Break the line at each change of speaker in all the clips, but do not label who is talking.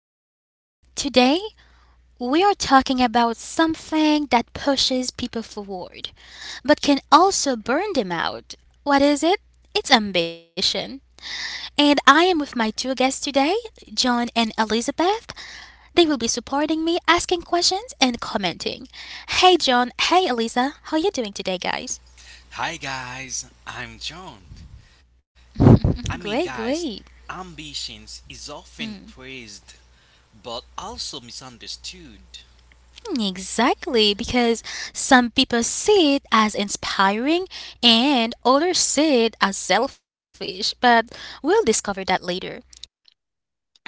again. Today, we are talking about something that pushes people forward, but can also burn them out. What is it? It's ambition. And I am with my two guests today, John and Elizabeth. They will be supporting me, asking questions, and commenting. Hey, John. Hey, Eliza. How are you doing today, guys?
Hi guys, I'm John.
Great,
Guys,
great.
ambitions is often praised but also misunderstood.
Exactly, because some people see it as inspiring and others see it as selfish, but we'll discover that later.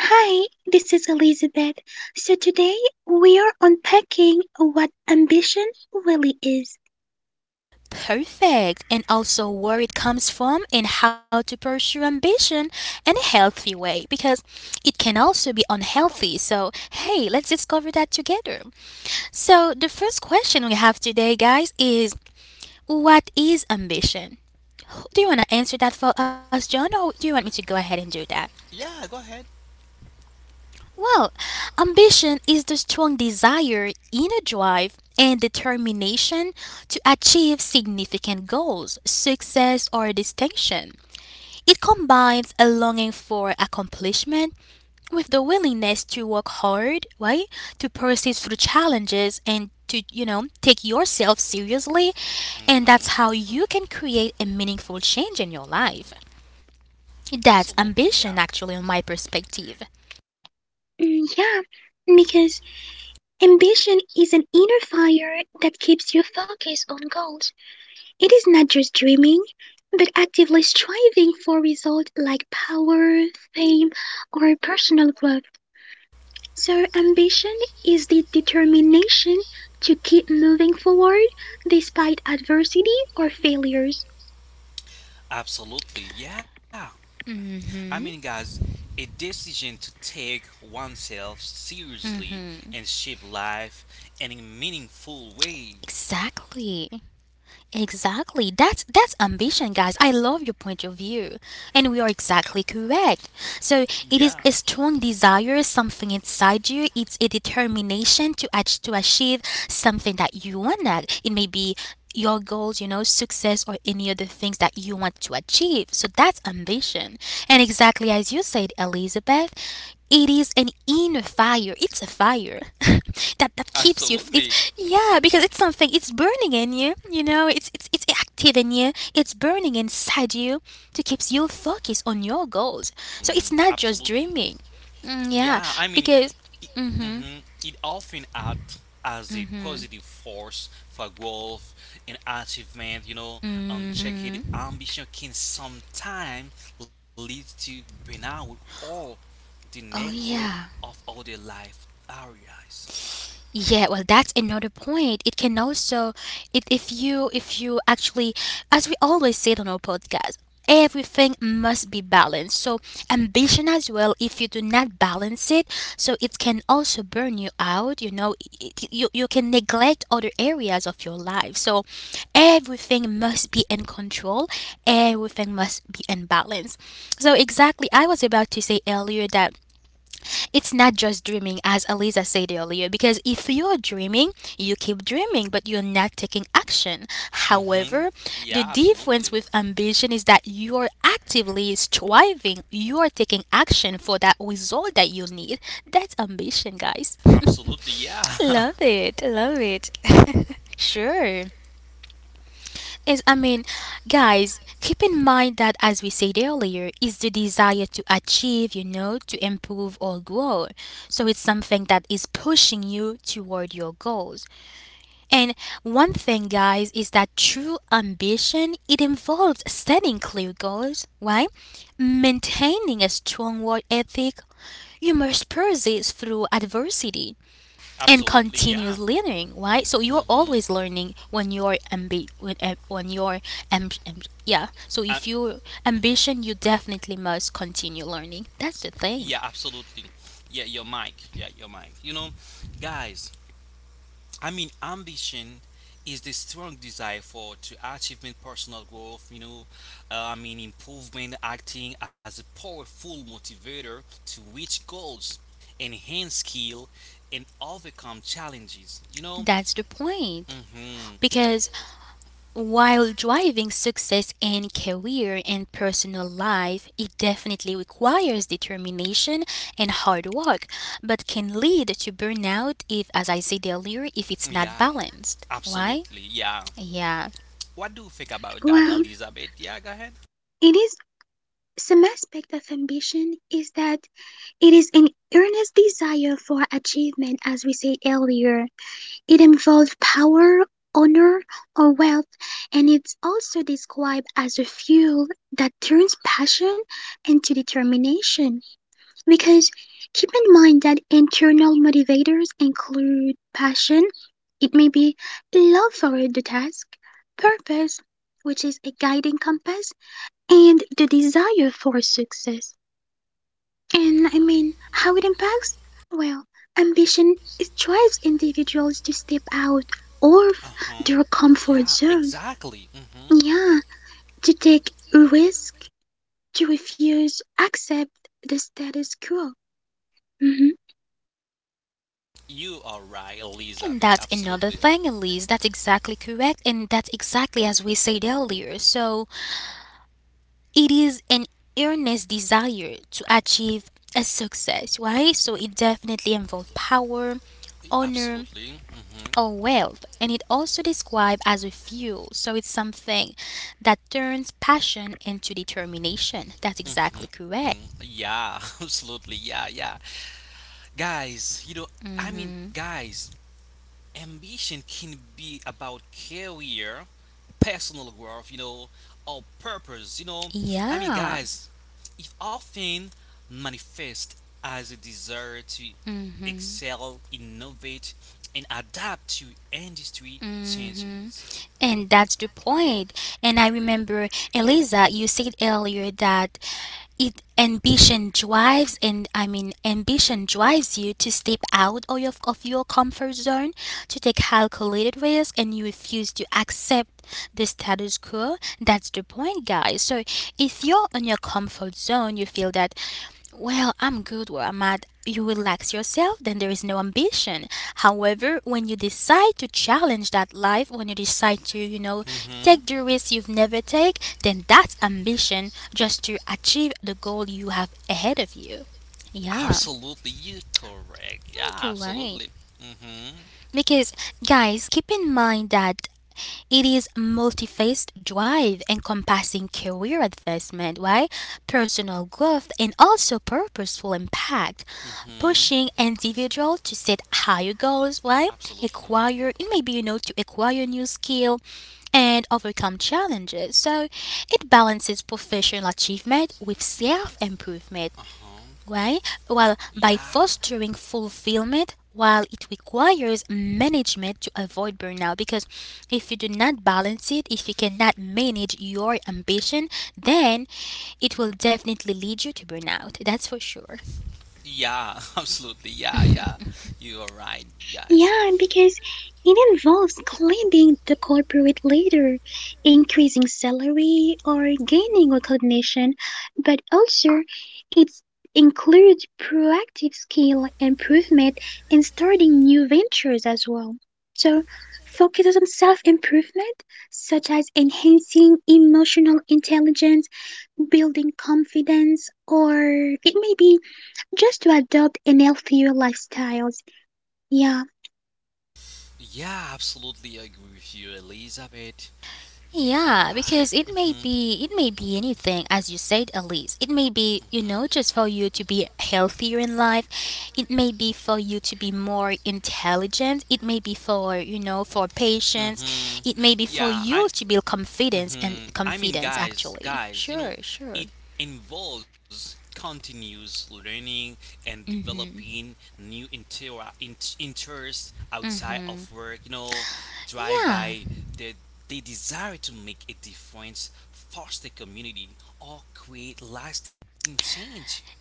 Hi, this is Elizabeth. So today we are unpacking what ambition really is.
Perfect. And also where it comes from and how to pursue ambition in a healthy way because it can also be unhealthy. So, hey, let's discover that together. So, the first question we have today, guys, is what is ambition? Do you want to answer that for us, John, or do you want me to go ahead and do that?
Yeah, go ahead.
Well, ambition is the strong desire, inner drive, and determination to achieve significant goals, success, or distinction. It combines a longing for accomplishment with the willingness to work hard, right? To persist through challenges and to, take yourself seriously. And that's how
hmm
you can create a meaningful change in your life. That's
Absolutely, yeah.
ambition, actually, on my perspective.
Mm, yeah, because ambition is an inner fire that keeps you focused on goals. It is not just dreaming, but actively striving for results like power, fame, or personal growth. So ambition is the determination to keep moving forward despite adversity or failures.
Absolutely, yeah.
Hmm.
Guys, a decision to take oneself seriously and shape life in a meaningful way.
Exactly. Exactly. That's ambition, guys. I love your point of view. And we are exactly correct. So it is a
Yeah,
strong desire, something inside you. It's a determination to to achieve something that you want at. It may be your goals, you know, success or any other things that you want to achieve. So that's ambition. And exactly as you said, Elizabeth, it is an inner fire. It's a fire that keeps you. It's
absolutely.
yeah, because it's something. It's burning in you. You know, it's active in you. It's burning inside you to keeps you focused on your goals. So it's not just
Absolutely.
dreaming. Mm, yeah,
Yeah, I mean,
because.
it, mhm, it often acts as a positive force for growth and achievement. Unchecked
hmm
ambition can sometimes lead to burnout or the
Oh
neglect
yeah.
of other life areas.
Yeah, well, that's another point. It can also, it, if you actually, as we always said on our podcast, everything must be balanced. So ambition as well. If you do not balance it, so it can also burn you out. You know, you can neglect other areas of your life. So everything must be in control. Everything must be in balance. So exactly, I was about to say earlier that it's not just dreaming, as Eliza said earlier, because if you're dreaming, you keep dreaming, but you're not taking action. However,
hmm
the
Yeah,
difference with
absolutely.
ambition is that you're actively striving, you're taking action for that result that you need. That's ambition, guys.
Absolutely, yeah.
Love it, love it. Sure. Is I mean, guys, keep in mind that as we said earlier, is the desire to achieve, you know, to improve or grow. So it's something that is pushing you toward your goals. And one thing, guys, is that true ambition it involves setting clear goals, right? Maintaining a strong work ethic. You must persist through adversity and
Absolutely,
continuous
yeah.
learning, right? So you're always
hmm
learning when you're ambi- when you're yeah, so if
Uh,
you're ambition you definitely must continue learning. That's the thing.
yeah, absolutely. Yeah, your mic. Yeah, your mic. Guys, ambition is the strong desire for to achievement, personal growth, improvement, acting as a powerful motivator to reach goals, enhance skill, and overcome challenges.
That's the point,
Hmm
because while driving success in career and personal life, it definitely requires determination and hard work, but can lead to burnout if, as I said earlier, if it's not
Yeah.
balanced. Why?
Absolutely, yeah.
Yeah.
What do you think about
Wow.
that, Elizabeth? Yeah, go ahead.
It is... Some aspect of ambition is that it is an earnest desire for achievement, as we said earlier. It involves power, honor, or wealth, and it's also described as a fuel that turns passion into determination. Because keep in mind that internal motivators include passion, it may be love for the task, purpose, which is a guiding compass, and the desire for success. And I mean, how it impacts? Well, ambition it drives individuals to step out of
Uh
their
huh.
comfort
Yeah,
zone.
exactly.
Yeah, to take risk, to refuse accept the status quo. Mhm.
You are right,
And that's
Elizabeth.
another
Absolutely.
thing, Elise. That's exactly correct. And that's exactly as we said earlier. So it is an earnest desire to achieve a success, right? So it definitely involves power, honor,
Absolutely.
or wealth. And it also described as a fuel. So it's something that turns passion into determination. That's exactly correct.
Yeah, absolutely. Yeah, yeah. Guys, I mean,
Mm-hmm.
guys, ambition can be about career, personal growth, or purpose.
Yeah.
Guys, it often manifests as a desire to excel, innovate, and adapt to industry
hmm
changes.
And that's the point. And I remember, Eliza, you said earlier that it ambition drives, and I mean, ambition drives you to step out of of your comfort zone, to take calculated risk, and you refuse to accept the status quo. That's the point, guys. So if you're in your comfort zone, you feel that, well, I'm good where I'm at. You relax yourself, then there is no ambition. However, when you decide to challenge that life, when you decide to, you know, take the
Mm-hmm.
risk you've never take, then that's ambition just to achieve the goal you have ahead of you. Yeah,
Absolutely, you correct. Yeah,
you're right.
absolutely. Mm-hmm.
Because, guys, keep in mind that it is multi-faced drive encompassing career advancement, right? Personal growth and
Mm-hmm.
also purposeful impact, pushing
Absolutely.
individual to set higher goals, right? Acquire, it may be, you know, to acquire new skill and overcome challenges. So it balances professional achievement with self improvement,
Uh-huh.
why? Well, by
Yeah.
fostering fulfillment, while it requires management to avoid burnout, because if you do not balance it, if you cannot manage your ambition, then it will definitely lead you to burnout. That's for sure.
Yeah, absolutely. Yeah, yeah. You are right, guys.
Yeah, because it involves climbing the corporate ladder, increasing salary, or gaining recognition, but also it includes proactive skill improvement and starting new ventures as well. So, focuses on self improvement, such as enhancing emotional intelligence, building confidence, or it may be just to adopt an healthier lifestyles. Yeah,
Yeah, absolutely agree with you, Elizabeth. You are
Yeah,
right.
because it may be anything as you said, Elise. It may be, you know, just for you to be healthier in life. It may be for you to be more intelligent. It may be for, you know, for
Hmm
patience.
hmm
It may be
Yeah,
for
I.
you to build confidence
hmm
and
I mean,
confidence
guys,
actually.
guys, you know,
Sure,
It
sure.
involves continuous learning and developing new inter- in- interests outside of work, drive
Yeah.
by the, the desire to make a difference, foster community, or create lasting change.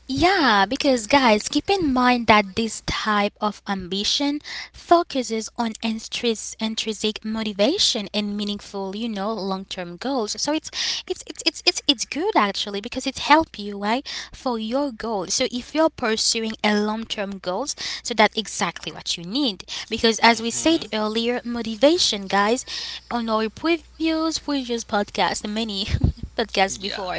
Yeah, because guys, keep in mind that this type of ambition focuses on intrinsic motivation and meaningful, you know, long-term goals. So it's good actually because it helps you, right, for your goals. So if you're pursuing a long-term goals, so that's exactly what you need. Because as we said
hmm
earlier, motivation, guys, on our previous podcast, many podcast
Yeah.
before.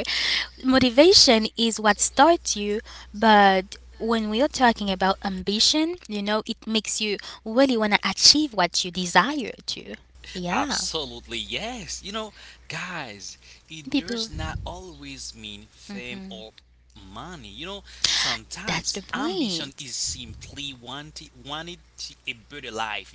Motivation is what starts you, but when we are talking about ambition, you know, it makes you really want to achieve what you desire to. Yeah.
Absolutely, yes. Guys, it
People,
does not always mean fame or money. You know, sometimes
that's the
ambition is
point.
simply wanting a better life.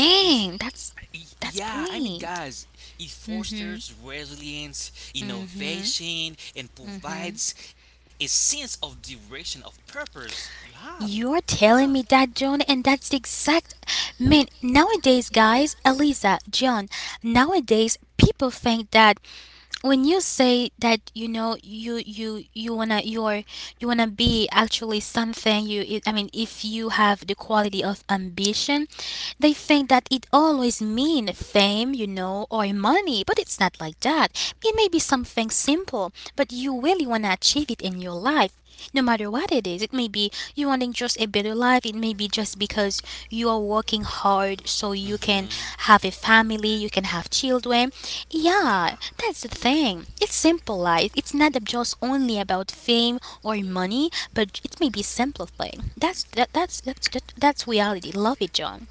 is
that's
yeah.
point.
It fosters resilience, innovation, and provides a sense of direction of purpose. You have,
You're
yeah.
telling me that, John, and that's the exact man. Nowadays, guys, Eliza, John, nowadays people think that when you say that, you know, you wanna you wanna be actually something, I mean, if you have the quality of ambition, they think that it always mean fame, you know, or money, but it's not like that. It may be something simple, but you really wanna achieve it in your life, no matter what it is. It may be you wanting just a better life, it may be just because you are working hard so you can
hmm
have a family, you can have children.
Yeah.
Yeah, that's the thing. It's simple life. It's not just only about fame or money, but it may be simple thing. That's reality. Love it, John.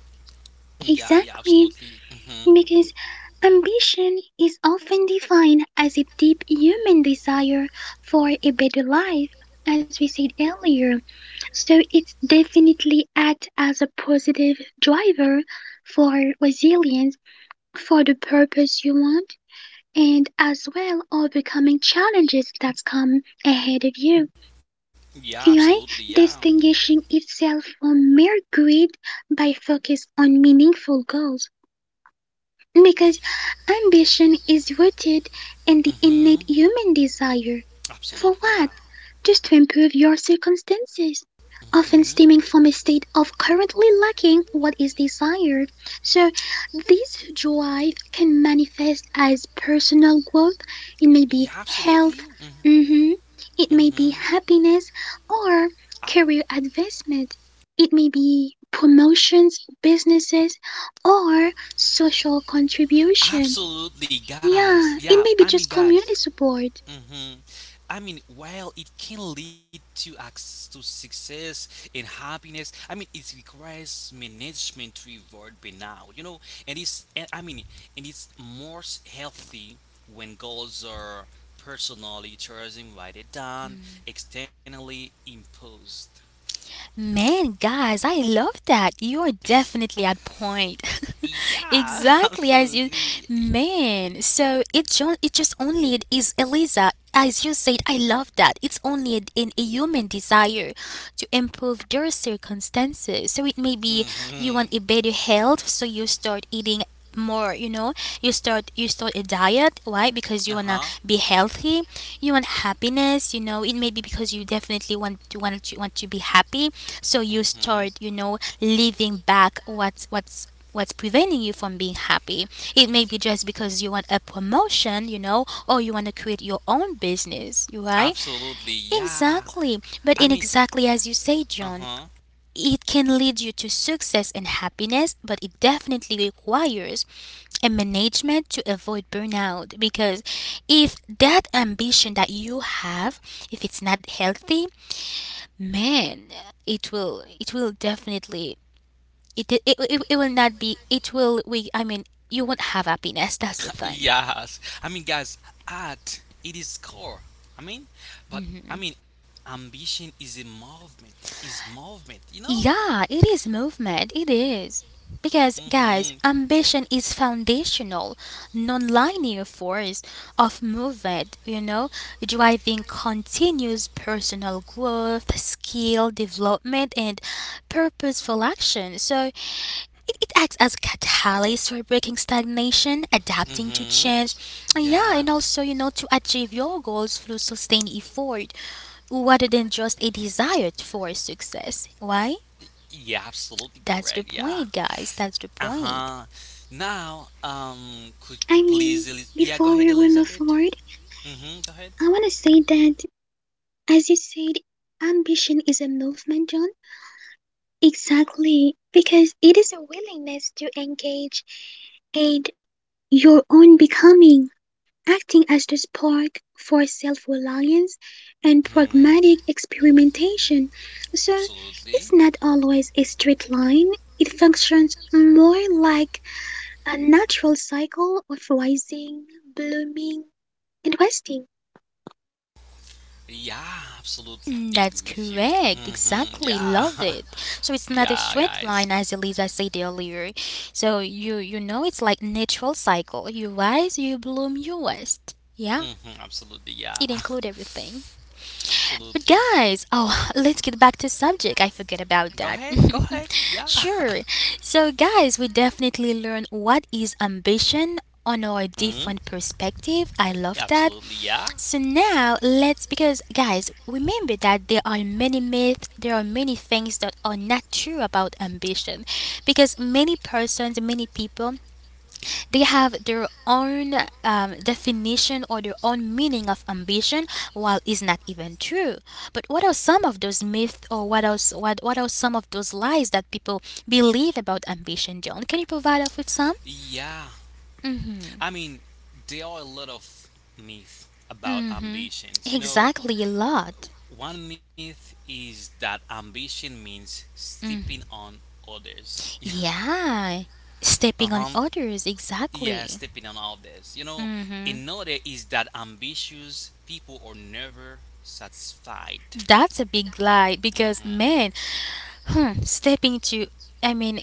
Yeah, yeah,
exactly.
absolutely. Mm-hmm.
Because ambition is often defined as a deep human desire for a better life, as we said earlier. So it definitely acts as a positive driver for resilience, for the purpose you want, and as well overcoming challenges that come ahead of you.
Yeah, absolutely,
Right?
yeah.
Distinguishing itself from mere greed by focus on meaningful goals. Because ambition is rooted in the innate
Mm-hmm.
human desire. For
Absolutely,
what?
yeah.
Just to improve your circumstances,
hmm
often stemming from a state of currently lacking what is desired. So, this drive can manifest as personal growth, it
Yeah,
may be
absolutely.
health, mhm,
Mm-hmm.
it
Mm-hmm.
may be happiness, or career advancement. It may be promotions, businesses, or social contribution.
Absolutely, guys.
Yeah, it may be just community support.
Hmm while it can lead to success and happiness, it requires management to avoid burnout. You know, and it's and I mean, and it's most healthy when goals are personally chosen rather than externally imposed.
Man, guys, I love that. You're definitely at point.
Yeah,
Exactly as you,
absolutely.
man. So it just only is Eliza. As you said, I love that. It's only in a human desire to improve their circumstances. So it may be
hmm
you want a better health, so you start eating more, you know, you start a diet, why?
Uh
Because you want
huh.
to be healthy. You want happiness, you know, it may be because you definitely want to be happy, so you
hmm
start, you know, leaving back what's preventing you from being happy. It may be just because you want a promotion, you know, or you want to create your own business, you right?
Absolutely, yeah.
Exactly,
I
but in
mean,
exactly as you say,
uh
John,
huh.
it can lead you to success and happiness, but it definitely requires and management to avoid burnout, because if that ambition that you have, if it's not healthy, man, it will definitely it will not be it will we I mean you won't have happiness. That's the thing.
Yes, art it is core. I mean, but I mean, Ambition is a movement. Is movement, you know?
Yeah, it is movement. It is. Because,
Mhm.
guys, ambition is foundational, non-linear force of movement, you know, driving continuous personal growth, skill development, and purposeful action. So it acts as a catalyst for breaking stagnation, adapting to
Mhm.
change, yeah,
Yeah.
and also, you know, to achieve your goals through sustained effort rather than just a desired for success. Why?
Yeah, absolutely correct.
That's the
Yeah.
point, guys. That's the
Uh huh.
point.
Now, could you
I
please,
mean,
Yeah, go ahead,
before we move
Elizabeth.
forward,
Mhm. Go ahead.
I want to say that, as you said, ambition is a movement, John. Exactly, because it is a willingness to engage and your own becoming, acting as the spark for self reliance and
Mhm.
pragmatic experimentation. So
Absolutely.
it's not always a straight line, it functions more like a natural cycle of rising, blooming, and wasting.
Yeah, absolutely
Mm,
agree
that's
with you.
correct. Exactly.
Yeah,
Love it. So it's not a
yeah,
straight
guys.
line, as Elisa said earlier. So you know, it's like natural cycle. You rise, you bloom, you rest. Yeah,
hmm Absolutely, yeah,
it include everything. But
absolutely.
guys, oh, let's get back to subject. I forget
Go
about
ahead, go
that.
ahead. Yeah.
Sure. So guys, we definitely learn what is ambition on our different perspective. I love that.
Absolutely, yeah.
So now let's, because guys, remember that there are many myths, there are many things that are not true about ambition, because many persons, many people, they have their own definition or their own meaning of ambition while it's not even true. But what are some of those myths, or what else, what are some of those lies that people believe about ambition, John? Can you provide us with some?
Yeah, I mean, there are a lot of myths about
Mhm.
ambitions.
Exactly a lot.
One myth is that ambition means stepping on others. Yeah.
Yeah,
Uh-huh.
stepping on others,
Yeah, stepping
exactly.
on others.
hmm
Another is that ambitious people are never satisfied.
That's a big lie
hmm
because, man, hmm, stepping to, I mean,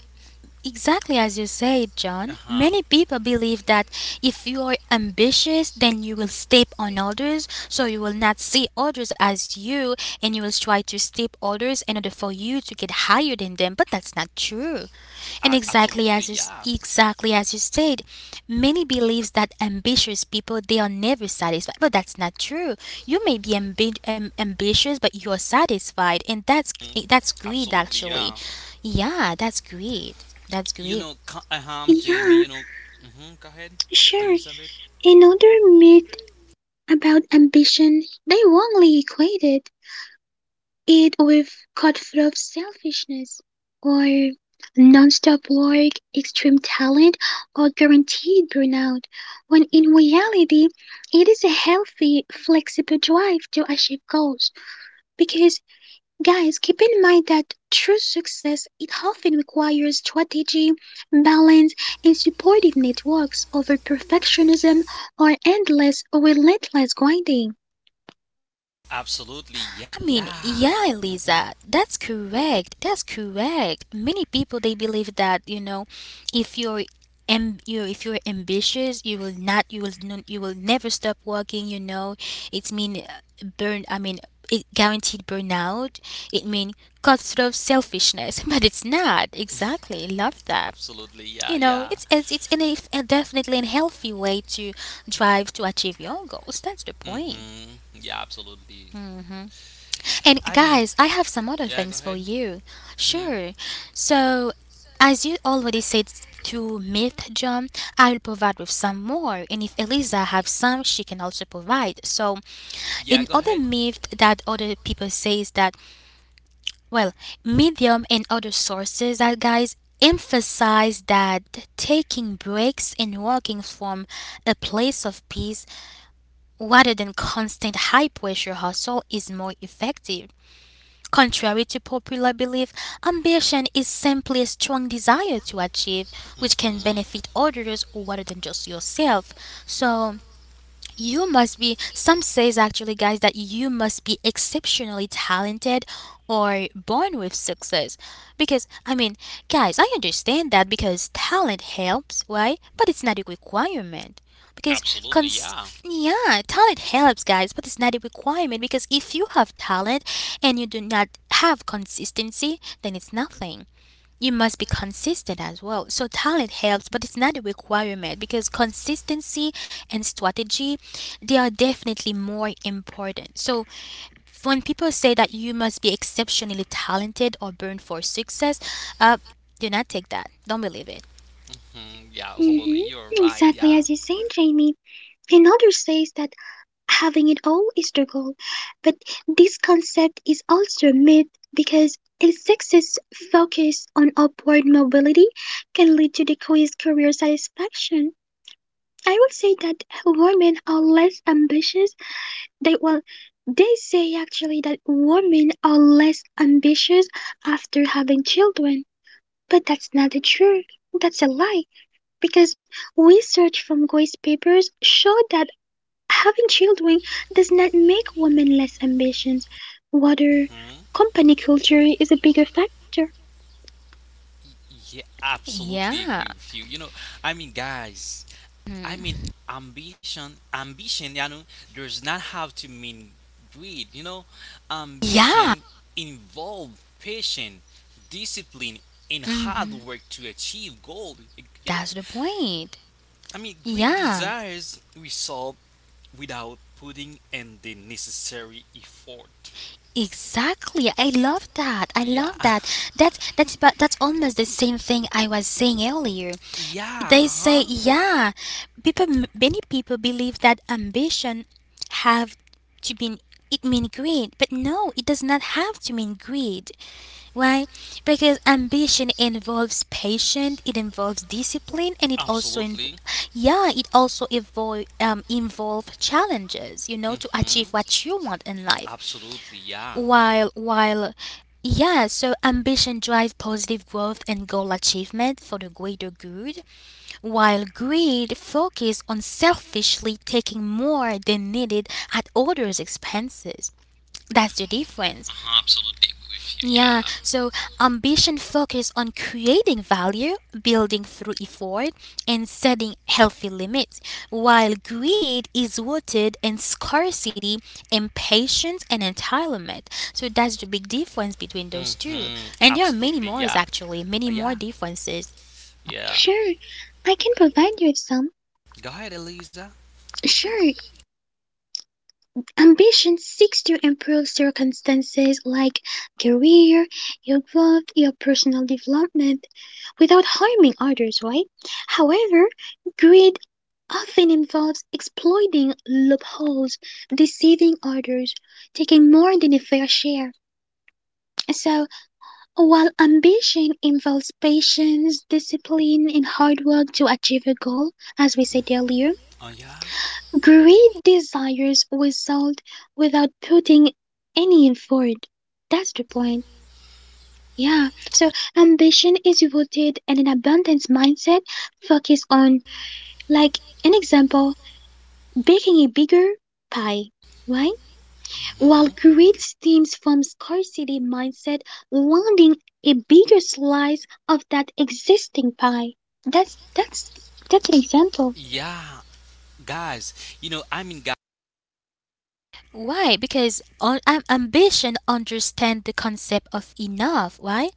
exactly as you said,
Uh
John,
huh.
many people believe that if you are ambitious, then you will step on others, so you will not see others as you and you will try to step others in order for you to get higher than them, but that's not true. And exactly
Absolutely,
as you,
yeah.
exactly as you said, many believes that ambitious people they are never satisfied, but that's not true. You may be ambitious, but you are satisfied, and that's
Absolutely,
greed
yeah.
actually. Yeah, that's greed. That's greed.
Jamie,
Yeah,
go ahead,
sure.
Elizabeth.
Another myth about ambition, they wrongly equated it with cutthroat selfishness or non-stop work, extreme talent, or guaranteed burnout, when in reality, it is a healthy, flexible drive to achieve goals because, guys, keep in mind that true success it often requires strategy, balance, and supportive networks over perfectionism or endless, relentless grinding.
Absolutely, yeah.
Yeah,
hmm
Elisa, that's correct. That's correct. Many people they believe that if you're, am, you if you're ambitious, you will not, you will never stop working. You know, it mean burn. I mean, it guaranteed burnout. It mean cutthroat selfishness, but it's not exactly. Love
Absolutely,
that.
yeah, yeah.
You know, a definitely a healthy way to drive to achieve your goals. That's the point.
Yeah, absolutely. I mean,
And guys, I have
yeah, go
some other
ahead.
things for you.
hmm
Sure. So, as you already said to Myth John, I will provide with some more. And if Eliza have some, she can also provide. So,
Yeah,
in
go
other
ahead.
myth that other people says that, well, Medium and other sources that guys emphasize that taking breaks and working from a place of peace rather than constant high pressure hustle is more effective. Contrary to popular belief, ambition is simply a strong desire to achieve, which can
hmm
benefit others rather than just yourself. So, you must be, some says actually, guys, that you must be exceptionally talented or born with success. Because guys, I understand that because talent helps, right? But it's not a requirement. Because
Absolutely,
cons
yeah.
yeah, talent helps, guys, but it's not a requirement because if you have talent and you do not have consistency, then it's nothing. You must be consistent as well. So talent helps, but it's not a requirement because consistency and strategy they are definitely more important. So when people say that you must be exceptionally talented or born for success, uh, do not take that. Don't believe it.
Yeah, absolutely.
Hmm
You're right,
Exactly
yeah.
as you said, Jamie. Another says that having it all is the goal, but this concept is also a myth because a success focus on upward mobility can lead to decreased career satisfaction. I would say that women are less ambitious. They, well, they say actually that women are less ambitious after having children, but that's not the truth. That's a lie because research from Grace papers show that having children does not make women less ambitious. Rather,
Mm-hmm.
company culture is a bigger factor.
Yeah, absolutely agree
Yeah.
with you. You know, I mean, guys, I mean,
Mm.
ambition, ambition, you know, does not have to mean greed.
Yeah.
Ambition involve patience, discipline, and hard
hmm
work to achieve goal. You know,
That's the point.
Greed
Yeah.
desires result without putting in the necessary effort.
Exactly. I love that. I
Yeah,
love that. That's almost the same thing I was saying earlier.
yeah,
They
uh
say,
huh.
yeah, people, many people believe that ambition have to mean, it mean greed, but no, it does not have to mean greed. Why? Because ambition involves patience, it involves discipline, and it also
Absolutely.
yeah, it also evolve, involve challenges. You know, to
hmm
achieve what you want in life.
Absolutely, yeah.
While yeah, so ambition drives positive growth and goal achievement for the greater good, while greed focuses on selfishly taking more than needed at others' expenses. That's the difference.
Uh-huh, absolutely agree with you.
Yeah, so ambition focuses on creating value, building through effort, and setting healthy limits, while greed is rooted in scarcity, impatience, and entitlement. So that's the big difference between
Yeah.
those two. And there are many
Absolutely,
more,
yeah.
actually, many
Yeah,
more differences.
yeah.
Sure, I can provide you with some.
Go ahead, Eliza.
Sure, ambition seeks to improve circumstances like career, your growth, your personal development without harming others, right? However, greed often involves exploiting loopholes, deceiving others, taking more than a fair share. So, while ambition involves patience, discipline, and hard work to achieve a goal, as we said earlier,
Oh, yeah.
greed desires result without putting any effort. That's the point. Yeah. So ambition is rooted in an abundance mindset focused on, like, an example, baking a bigger pie, right? While
hmm
greed stems from scarcity mindset, wanting a bigger slice of that existing pie. That's that's an example.
Yeah, guys. You know, I mean,
Why? Because ambition understands the concept of enough, why?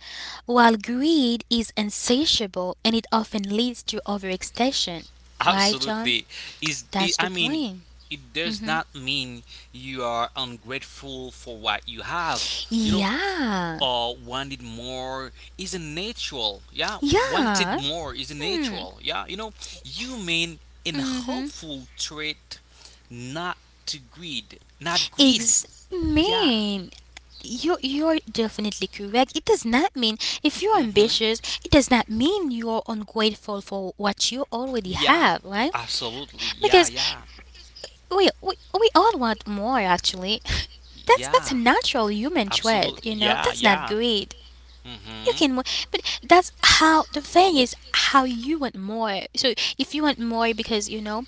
While greed is insatiable and it often leads to overextension. Why, John?
Absolutely. Is it,
That's
I
the
mean,
point.
it does not mean you are ungrateful for what you have. You know,
Yeah.
or wanted more is a natural. Yeah, wanted
Yeah.
more is a
Hmm.
natural. Yeah, human and
Mm-hmm.
hopeful trait, not to greed, not greed.
Ex-
Yeah.
Man, you you're definitely correct. It does not
Mm-hmm.
mean if you're ambitious, it does not mean you're ungrateful for what you already
Yeah,
have, right?
absolutely. Yeah,
Because
yeah.
we all want more actually. That's a
Yeah.
natural human trait,
Absolutely.
you know.
Yeah.
That's not
Yeah.
greed, you
Mm-hmm.
can more, but that's how the thing is, how you want more. So if you want more because you know,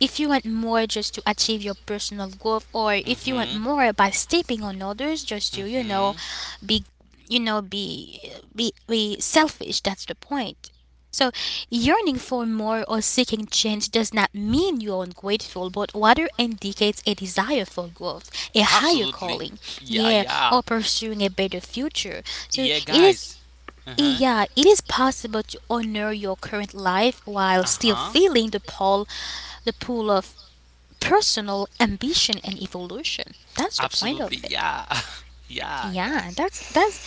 if you want more just to achieve your personal growth, or if you want
Mm-hmm.
more by stepping on others just to, you know,
Mm-hmm.
be you know be be be selfish, that's the point. So yearning for more or seeking change does not mean you're ungrateful, but rather indicates a desire for growth, a higher
Absolutely.
calling,
Yeah.
yeah,
Yeah.
or pursuing a better future. So it
Yeah,
is
guys. Uh-huh.
yeah, it is possible to honor your current life while still
Uh-huh.
feeling the pull of personal ambition and evolution. That's the point of
Absolutely.
it.
Yeah. yeah,
Yeah,
guys.
that's that's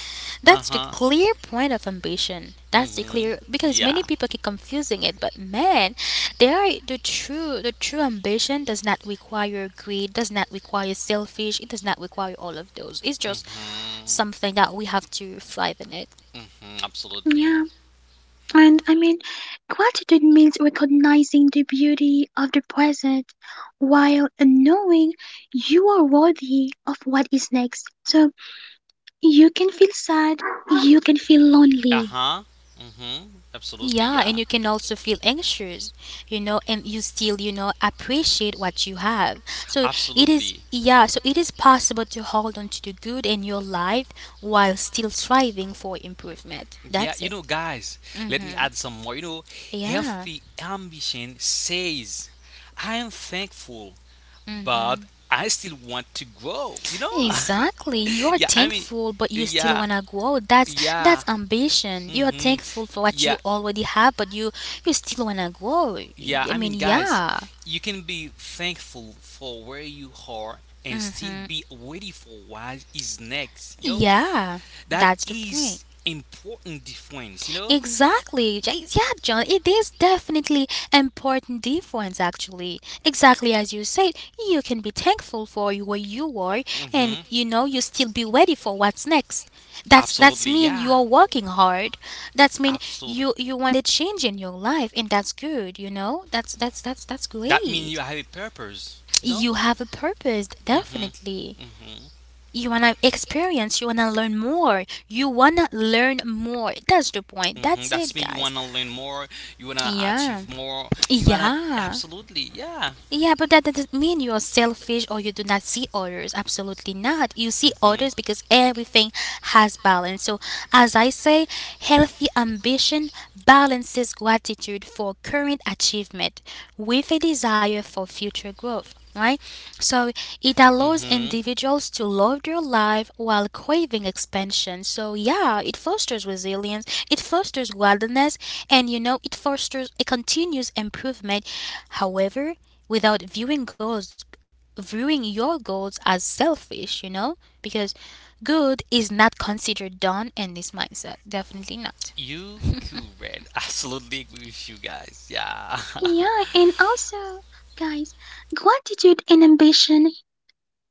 that's the
Uh-huh.
clear point of ambition. That's the
Mm-hmm.
clear, because many
Yeah.
people keep confusing it, but man, the true ambition does not require greed, does not require selfish, it does not require all of those. It's just
Mm-hmm.
something that we have to thrive in it.
Mm-hmm. Absolutely.
Yeah. And I mean, gratitude means recognizing the beauty of the present while knowing you are worthy of what is next. So you can feel sad, you can feel
Uh
lonely.
huh. Mm-hmm. Absolutely.
Yeah, and
Yeah.
you can also feel anxious, you know, and you still, you know, appreciate what you have. So
Absolutely.
yeah, so it is possible to hold on to the good in your life while still striving for improvement.
Yeah,
That's it.
let me add some more.
Yeah.
Healthy ambition says, I am thankful but
Mm-hmm.
I still want to grow, you know?
Exactly. You're
yeah, I mean,
thankful, but you still
yeah,
wanna grow. That's
yeah,
ambition. You're
hmm
thankful for what you
yeah,
already have, but you still wanna grow.
yeah.
I
I
mean,
mean, guys,
yeah,
You can be thankful for where you are and still be ready for what is next, yo.
yeah.
That
That's the point.
is important difference, you know?
Exactly. Yeah, John, it is definitely important difference actually. Exactly as you said, you can be thankful for where you are, and
hmm
you know you still be ready for what's next. That's
Absolutely,
mean
yeah.
you're working hard. That's mean
Absolutely.
you you want a change in your life and that's good, you know? That's
That means you
great.
have a purpose, you know?
You have a purpose
Mm-hmm,
definitely. You wanna experience, you wanna learn more. You wanna learn more. That's the point. That's
That's
it,
me. You
guys.
wanna learn more. You wanna
Yeah.
achieve more. You wanna
Yeah.
absolutely, yeah.
Yeah, but that doesn't mean you are selfish or you do not see others. Absolutely not. You see
hmm
others because everything has balance. So, as I say, healthy ambition balances gratitude for current achievement with a desire for future growth. Right? So it
hmm
allows individuals to love their life while craving expansion. So, yeah, it fosters resilience, it fosters wilderness, and you know, it fosters a continuous improvement. However, without viewing goals, viewing your goals as selfish, you know? Because good is not considered done in this mindset. Definitely not.
You could read. Absolutely agree with you guys. Yeah.
Yeah, and also, guys, gratitude and ambition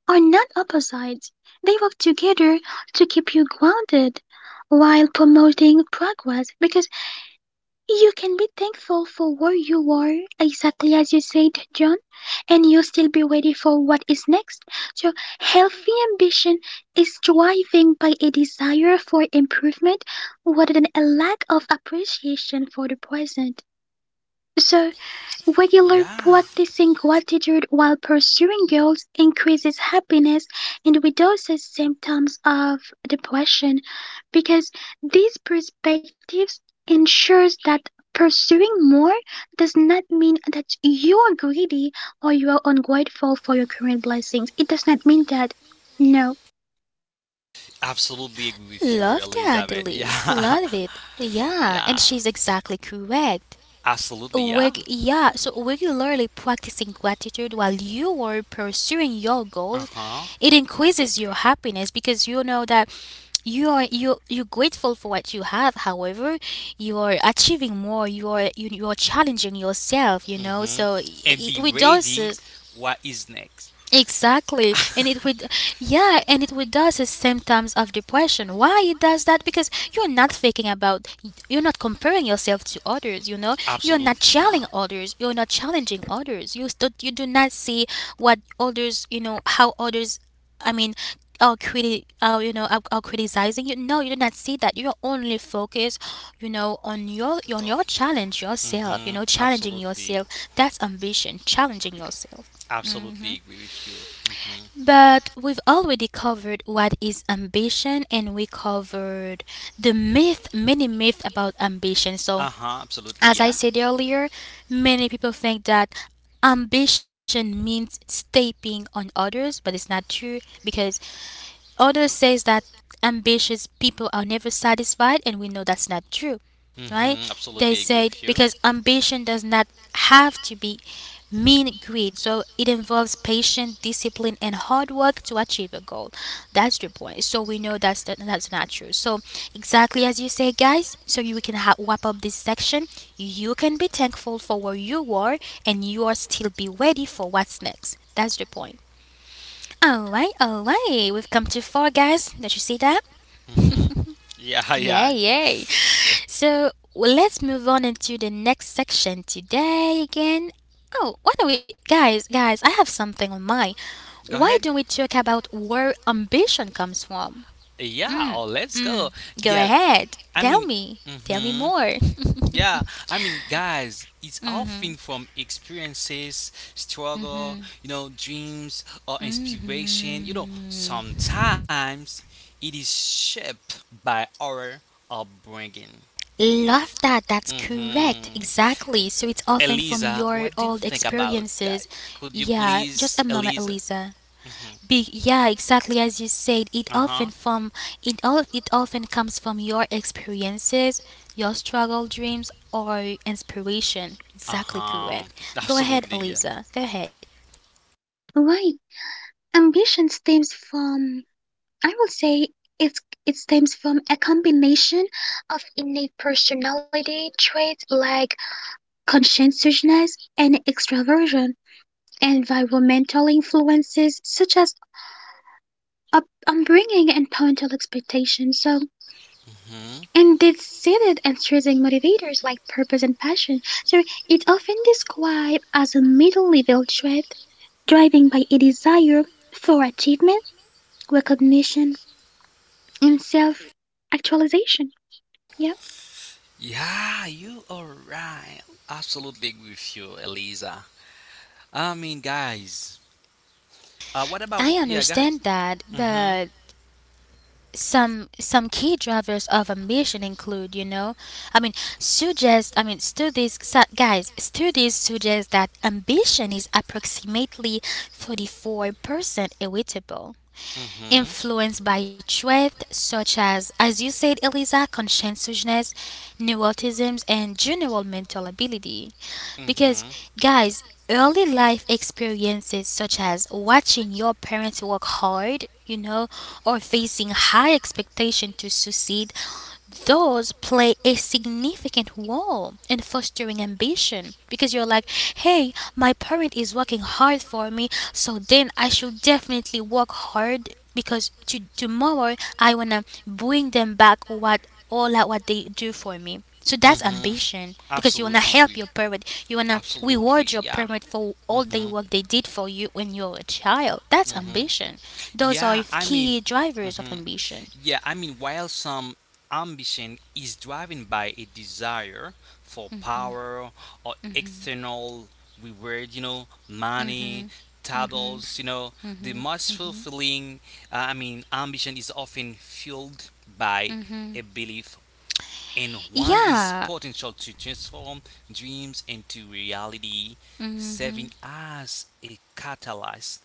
are not opposites. They work together to keep you grounded while promoting progress because you can be thankful for where you are, exactly as you said, John, and you'll still be ready for what is next. So, healthy ambition is driving by a desire for improvement rather than a lack of appreciation for the present. So, regular
yeah.
practicing gratitude while pursuing goals increases happiness and reduces symptoms of depression because these perspectives ensures that pursuing more does not mean that you are greedy or you are ungrateful for your current blessings. It does not mean that. No.
Absolutely agree with you,
Love that,
Elizabeth.
Lee.
Yeah,
Love it. Yeah, and
yeah,
she's exactly correct.
absolutely, yeah.
Yeah, so regularly practicing gratitude while you are pursuing your
Uh
goals,
huh.
it increases your happiness because you know that you're grateful for what you have. However, you are achieving more. You are challenging yourself. You know,
Mm-hmm.
so
And
it
be ready.
reduces.
What is next?
Exactly. And yeah, and it would does the symptoms of depression. Why it does that? Because you're not thinking about, you're not comparing yourself to others, you know? You're not
Absolutely
challenging
now.
others. You're not challenging others. You do not see what others, you know, how others, I mean, are, are, you know, are criticizing you. No, you do not see that. You're only focused, you know, on
Oh.
your challenge yourself, you
Mm-hmm.
know, challenging
Absolutely,
yourself. That's ambition, challenging yourself.
absolutely agree with you. Mm-hmm.
But we've already covered what is ambition and we covered the myth, many myths about ambition. So,
Uh huh. Absolutely,
as I
yeah.
said earlier, many people think that ambition means stepping on others, but it's not true, because others says that ambitious people are never satisfied and we know that's not true. Right? They
Absolutely agree
said
with you.
because ambition does not have to be mean greed. So it involves patience, discipline and hard work to achieve a goal. That's the point. So we know that's the, that's not true. So exactly as you say, guys, so you can wrap up this section. You can be thankful for where you were and you are still be ready for what's next. That's the point. Alright, alright, we've come too far, guys. Don't you see that?
hmm Yeah,
Yay,
yeah.
yay. So well, let's move on into the next section today again. Oh, why don't we, guys, I have something on mind.
Go
Why don't
ahead.
we talk about where ambition comes from?
Yeah,
Mm,
oh, let's
mm.
go.
Go
Yeah,
ahead,
I mean,
tell me
hmm
more.
yeah, it's often from experiences, struggle, dreams or inspiration. You know,
hmm
sometimes it is shaped by our upbringing.
Love that. That's correct.
hmm
Exactly. So it's often from
Eliza,
your
what do you
old
think about that?
experiences.
Could you
Yeah, just
please,
a moment,
Eliza?
Elisa.
hmm
Yeah, exactly as you said.
Uh huh.
It often comes from your experiences, your struggle, dreams, or inspiration.
Uh
Exactly
huh.
correct. Go ahead,
Absolutely, yeah.
Elisa. Go ahead.
Why? Ambition stems from, I would say, it's, it stems from a combination of innate personality traits like conscientiousness and extraversion, environmental influences such as upbringing and parental expectations. So,
hmm
and it's seated and stressing motivators like purpose and passion. So, it's often described as a middle-level trait driven by a desire for achievement, recognition, and self-actualization. Yeah.
Yeah, you are right. Absolutely agree with you, Eliza. I mean, guys. What about
I
yeah, guys?
understand that,
Mm-hmm.
but some key drivers of ambition include, you know, i mean suggest studies guys, studies suggest that ambition is approximately 34% heritable,
Mm-hmm.
influenced by traits such as you said, Eliza, conscientiousness, neuroticisms, and general mental ability. Because,
Mm-hmm.
guys, early life experiences such as watching your parents work hard, you know, or facing high expectation to succeed, those play a significant role in fostering ambition because you're like, hey, my parent is working hard for me, so then I should definitely work hard because to, tomorrow I want to bring them back what all that what they do for me. So that's
Mm-hmm.
ambition because you want to
Absolutely
help
agree.
your parent. You want to reward
Absolutely,
your
yeah.
parent for all the
Mm-hmm.
work they did for you when you're a child. That's
Mm-hmm.
ambition. Those are
Yeah, I mean,
key drivers of
mhm.
ambition.
Yeah, while some ambition is driven by a desire for power or external reward, money, titles, the most fulfilling, ambition is often fueled by a belief and one is
Yeah.
potential to transform dreams into reality, serving as a catalyst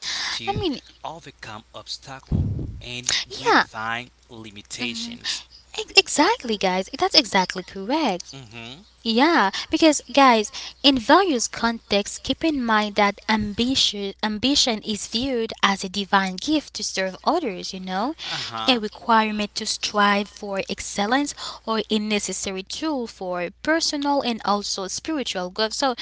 I
to
mean,
overcome obstacles and
Yeah,
redefine limitations.
exactly, guys. That's exactly correct.
hmm
Yeah, because guys, in various contexts, keep in mind that ambition is viewed as a divine gift to serve others, you know,
Uh
a
huh.
requirement to strive for excellence or a necessary tool for personal and also spiritual growth. So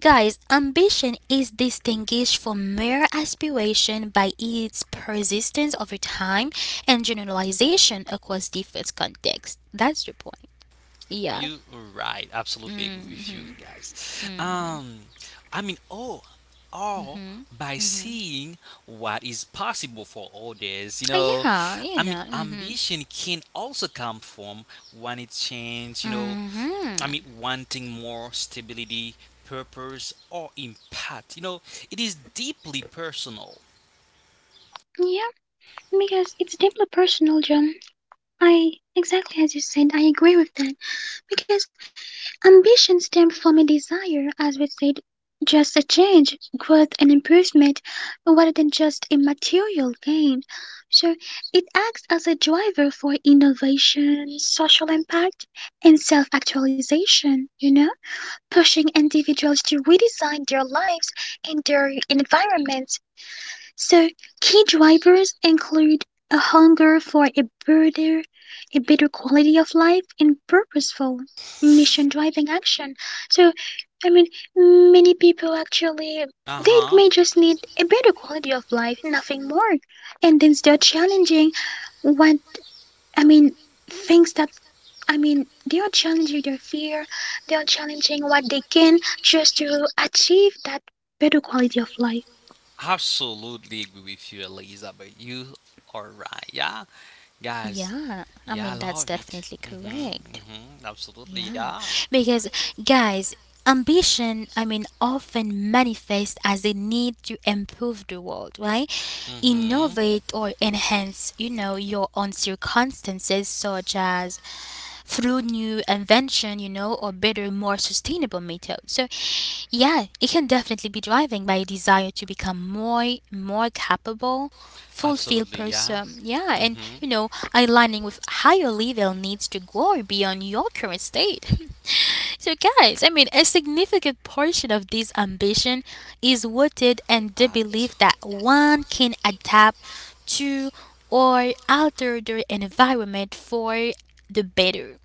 guys, ambition is distinguished from mere aspiration by its persistence over time and generalization across different contexts. That's the point. Yeah.
You are right. Absolutely agree
Mm.
with you guys. I mean, oh, all by seeing what is possible for others.
Yeah, you know. Mm-hmm.
Ambition can also come from when it change.
Mm-hmm.
Wanting more stability, purpose, or impact. It is deeply personal.
Yeah. Because it's deeply personal, John. I, exactly as you said, I agree with that. Because ambition stems from a desire, as we said, just a change, growth, and improvement, rather than just a material gain. So it acts as a driver for innovation, social impact, and self actualization, you know, pushing individuals to redesign their lives and their environment. So, key drivers include a hunger for a better quality of life and purposeful mission driving action. So, I mean, many people actually
Uh
they
huh.
may just need a better quality of life, nothing more. And then start challenging what, I mean, things that, I mean, they are challenging their fear, they are challenging what they can just to achieve that better quality of life.
Absolutely agree with you, Elizabeth. You are right. Yeah, guys.
Yeah, I mean,
Yeah, I
that's
love it.
definitely
Mhm.
correct.
Mhm. Absolutely.
Yeah,
Yeah.
because guys, ambition, I mean, often manifests as a need to improve the world, right?
Mhm.
Innovate or enhance, you know, your own circumstances, such as through new invention, you know, or better, more sustainable methods. So, yeah, it can definitely be driving by a desire to become more, more capable, fulfilled
Absolutely. Yeah.
person. Yeah, and
Mhm.
you know, aligning with higher level needs to grow beyond your current state. So, guys, I mean, a significant portion of this ambition is rooted in the
At.
belief that one can adapt to or alter their environment for the better.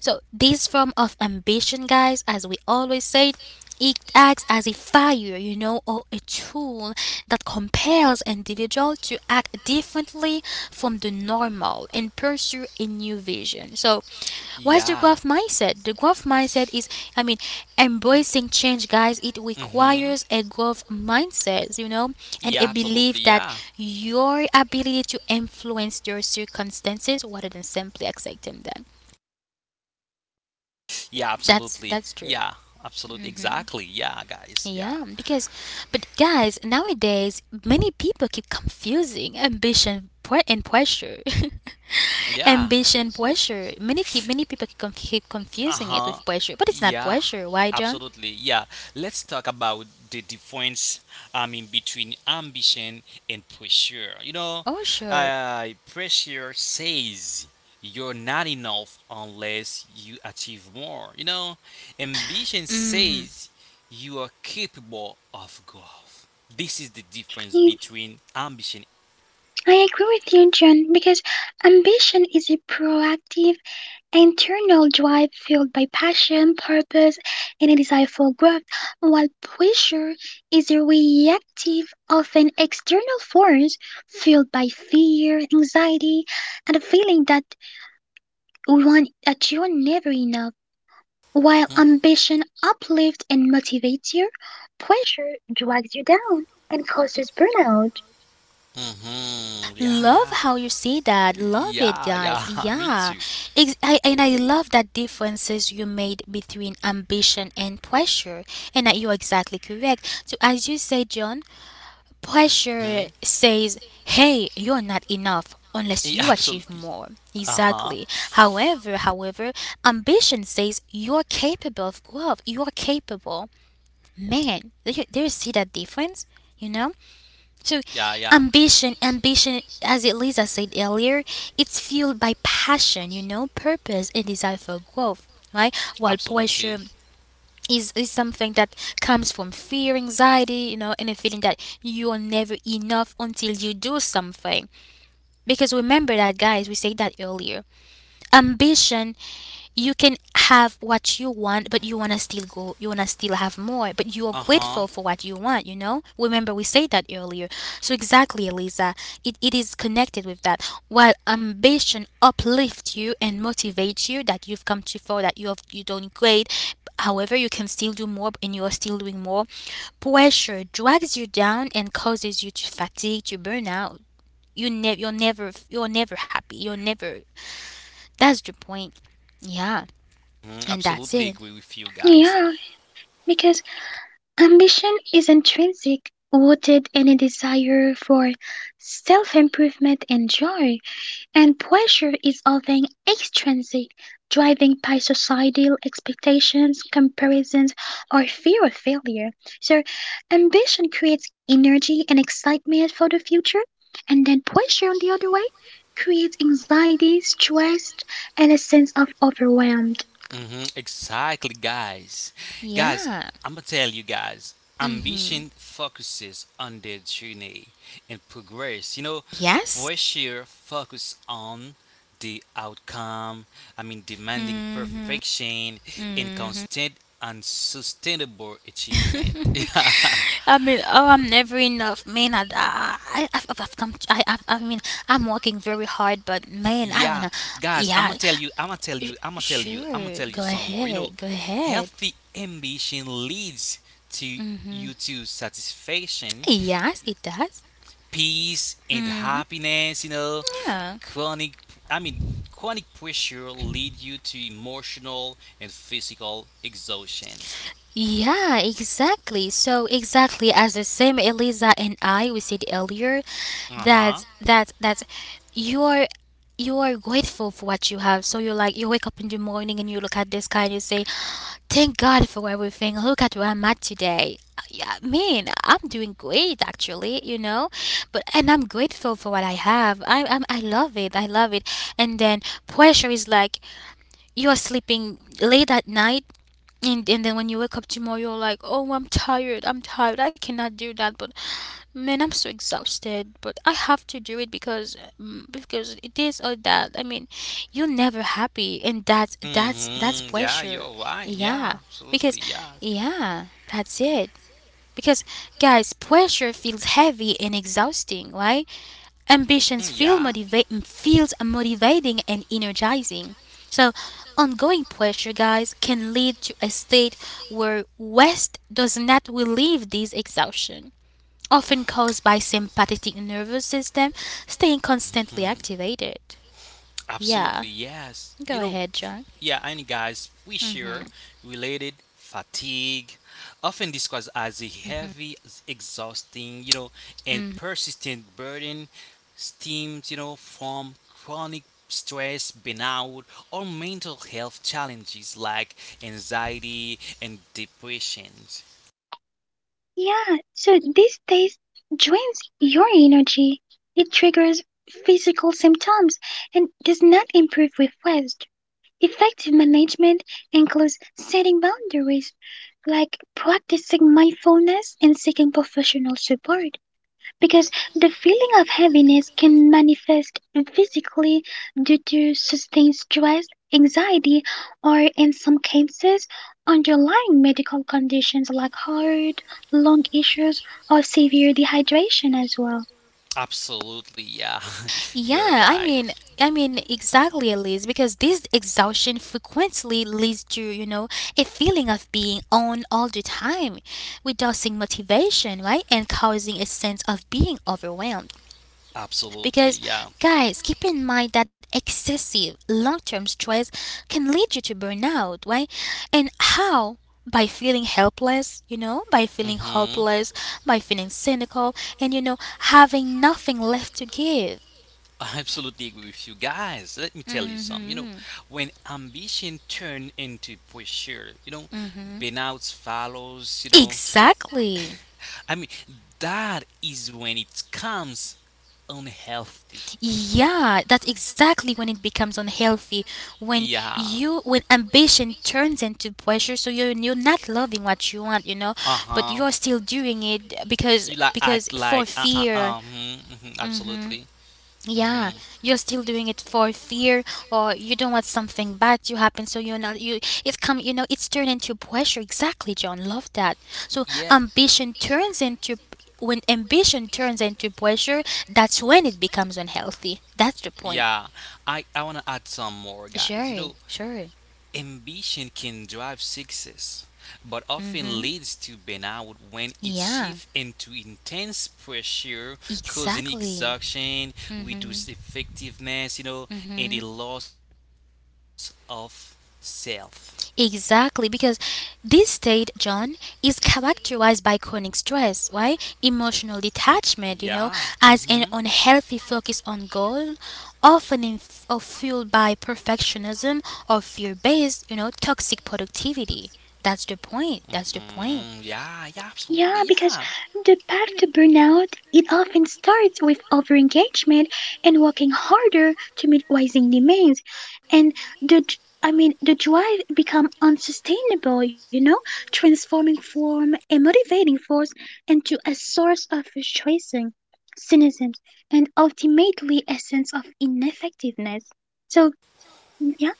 So, this form of ambition, guys, as we always say, it acts as a fire, you know, or a tool that compels individual to act differently from the normal and pursue a new vision. So, what's the
Yeah.
growth mindset? The growth mindset is, I mean, embracing change, guys. It
Mm-hmm.
requires a growth mindset, you know, and a
Yeah, absolutely.
belief that
Yeah.
your ability to influence your circumstances rather than simply accepting them.
Yeah,
That's
absolutely.
that's true.
Yeah, absolutely.
Hmm.
Exactly. Yeah, guys. Yeah.
Yeah, because but guys, nowadays many people keep confusing ambition pre- and pressure.
Yeah.
ambition pressure. Many people keep
Uh
confusing it
huh.
with pressure, but it's not
Yeah.
pressure. Why, John?
Absolutely. Yeah. Let's talk about the difference. Between ambition and pressure.
Oh, sure.
Pressure says you're not enough unless you achieve more. Ambition
Hmm.
says you are capable of growth. This is the difference between ambition.
I agree with you, John, because ambition is a proactive, internal drive fueled by passion, purpose, and a desire for growth, while pressure is a reactive, often external force fueled by fear, anxiety, and a feeling that one, that you're never enough. While
Mm.
ambition uplifts and motivates you, pressure drags you down and causes burnout.
Mm-hmm. Yeah,
Love
yeah.
how you say that. Love it,
Yeah,
guys.
yeah. Me
Yeah.
too.
And I love that differences you made between ambition and pressure, and that you're exactly correct. So, as you say, John, pressure
hmm
says, hey, you're not enough
Yeah,
unless you
absolutely.
achieve more.
Uh-huh.
Exactly. However, ambition says you're capable of growth. You're capable. Man, do you see that difference? You know? So
Yeah, yeah.
ambition, as Elisa said earlier, it's fueled by passion, you know, purpose and desire for growth, right? While
Absolutely.
pressure is something that comes from fear, anxiety, you know, and a feeling that you are never enough until you do something. Because remember that, guys, we said that earlier. Ambition, you can have what you want, but you want to still go, you want to still have more, but you are
Uh-huh.
grateful for what you want, you know? Remember, we said that earlier. So, exactly, Eliza, it is connected with that. While ambition uplifts you and motivates you that you've come too far, that you have, you done great, however, you can still do more and you are still doing more, pressure drags you down and causes you to fatigue, to burn out. You're never happy. You're never, that's the point. Yeah.
Mhm,
And that's
absolutely
it.
agree with you guys.
Yeah, because ambition is intrinsic, rooted in a desire for self improvement and joy, and pressure is often extrinsic, driven by societal expectations, comparisons, or fear of failure. So, ambition creates energy and excitement for the future, and then pressure on the other way creates anxiety, stress, and a sense of overwhelmed.
Exactly, guys. Guys,
Yeah.
I'm gonna tell you guys,
Mhm.
Ambition focuses on the journey and progress.
Yes.
Pressure focus on the outcome. Demanding
Mhm.
perfection and
Mhm.
constant and sustainable achievement. yeah,
I mean, oh, I'm never enough, man. I've come. I mean, I'm working very hard, but man, I
Yeah,
wanna.
guys, I'm gonna
Yeah.
tell you, I'm gonna tell you, I'm gonna tell you, I'm gonna
Sure.
tell you
Go
some more.
ahead. Go ahead.
Healthy ambition leads to
Mhm.
you to satisfaction
Yes, it does.
peace and
Mhm.
happiness,
Yeah.
chronic, I mean, chronic pressure lead you to emotional and physical exhaustion.
Yeah, exactly. So exactly as the same Eliza and I we said earlier
Uh-huh.
that you're, you are grateful for what you have. So you're like you wake up in the morning and you look at the sky and you say, thank God for everything. Look at where I'm at today. Yeah, I mean, I'm doing great actually, you know. But and I'm grateful for what I have. I love it. I love it. And then pressure is like you're sleeping late at night and then when you wake up tomorrow you're like, oh, I'm tired, I cannot do that, but man, I'm so exhausted, but I have to do it because because this or that. I mean you're never happy and that's
Mm-hmm. Yeah,
pressure.
you're right. Yeah,
Yeah,
absolutely.
because
Yeah.
yeah, that's it. Because guys, pressure feels heavy and exhausting, right?
Mm,
Ambitions feel
Yeah.
feels motivating and energizing. So, ongoing pressure, guys, can lead to a state where West does not relieve this exhaustion, often caused by sympathetic nervous system staying constantly
Mhm.
activated.
Absolutely,
Yeah,
yes.
go ahead, John.
Yeah, and guys, we
Mm-hmm.
share related fatigue, often described as a
Mm-hmm.
heavy, exhausting, and persistent burden stems, from chronic stress, burnout, or mental health challenges like anxiety and depression.
Yeah, so this taste drains your energy. It triggers physical symptoms and does not improve with rest. Effective management includes setting boundaries, like practicing mindfulness and seeking professional support because the feeling of heaviness can manifest physically due to sustained stress, anxiety, or in some cases, underlying medical conditions like heart, lung issues, or severe dehydration as well.
Absolutely, yeah, you're
Yeah, I
right.
mean, I mean exactly, Elise, because this exhaustion frequently leads to, you know, a feeling of being on all the time, reducing motivation, right, and causing a sense of being overwhelmed. Because,
Absolutely, yeah.
guys, keep in mind that excessive long-term stress can lead you to burnout, right? And how? By feeling helpless, you know, by feeling
Mm-hmm.
hopeless, by feeling cynical, and you know, having nothing left to give.
I absolutely agree with you guys. Let me tell you something.
Mm-hmm.
When ambition turn into pressure,
Mm-hmm.
burnouts follows, you know.
Exactly.
I mean, that is when it comes unhealthy.
Yeah, that's exactly when it becomes unhealthy. When
Yeah.
you when ambition turns into pressure, so you're not loving what you want, you know, but
Uh-huh.
you're still doing it because
You like
because
act
for
like
fear.
mhm, mhm,
Mhm.
absolutely.
Yeah,
Mhm.
you're still doing it for fear, or you don't want something bad to happen, so you're not you. It come, you know, it's turned into pressure. Exactly, John. Love that. So
Yeah,
ambition turns into when ambition turns into pressure. That's when it becomes unhealthy. That's the point.
yeah. I want to add some more, guys.
Sure, sure.
Ambition can drive success, but often
Mhm.
leads to burnout when it
Yeah,
shifts into intense pressure, causing
exactly.
exhaustion, reduced effectiveness, and a loss of self.
Exactly, because this state, John, is characterized by chronic stress, right?
Mm,
Emotional
Yeah.
detachment, you know,
hmm
as an unhealthy focus on goal, often in or fueled by perfectionism or fear based, you know, toxic productivity. That's the point. That's the point.
Yeah. Yeah. Absolutely. Yeah.
Yeah, because the path to burnout, it often starts with overengagement and working harder to meet rising demands. And I mean the drive become unsustainable, you know, transforming from a motivating force into a source of frustration, cynicism, and ultimately a sense of ineffectiveness. So yeah.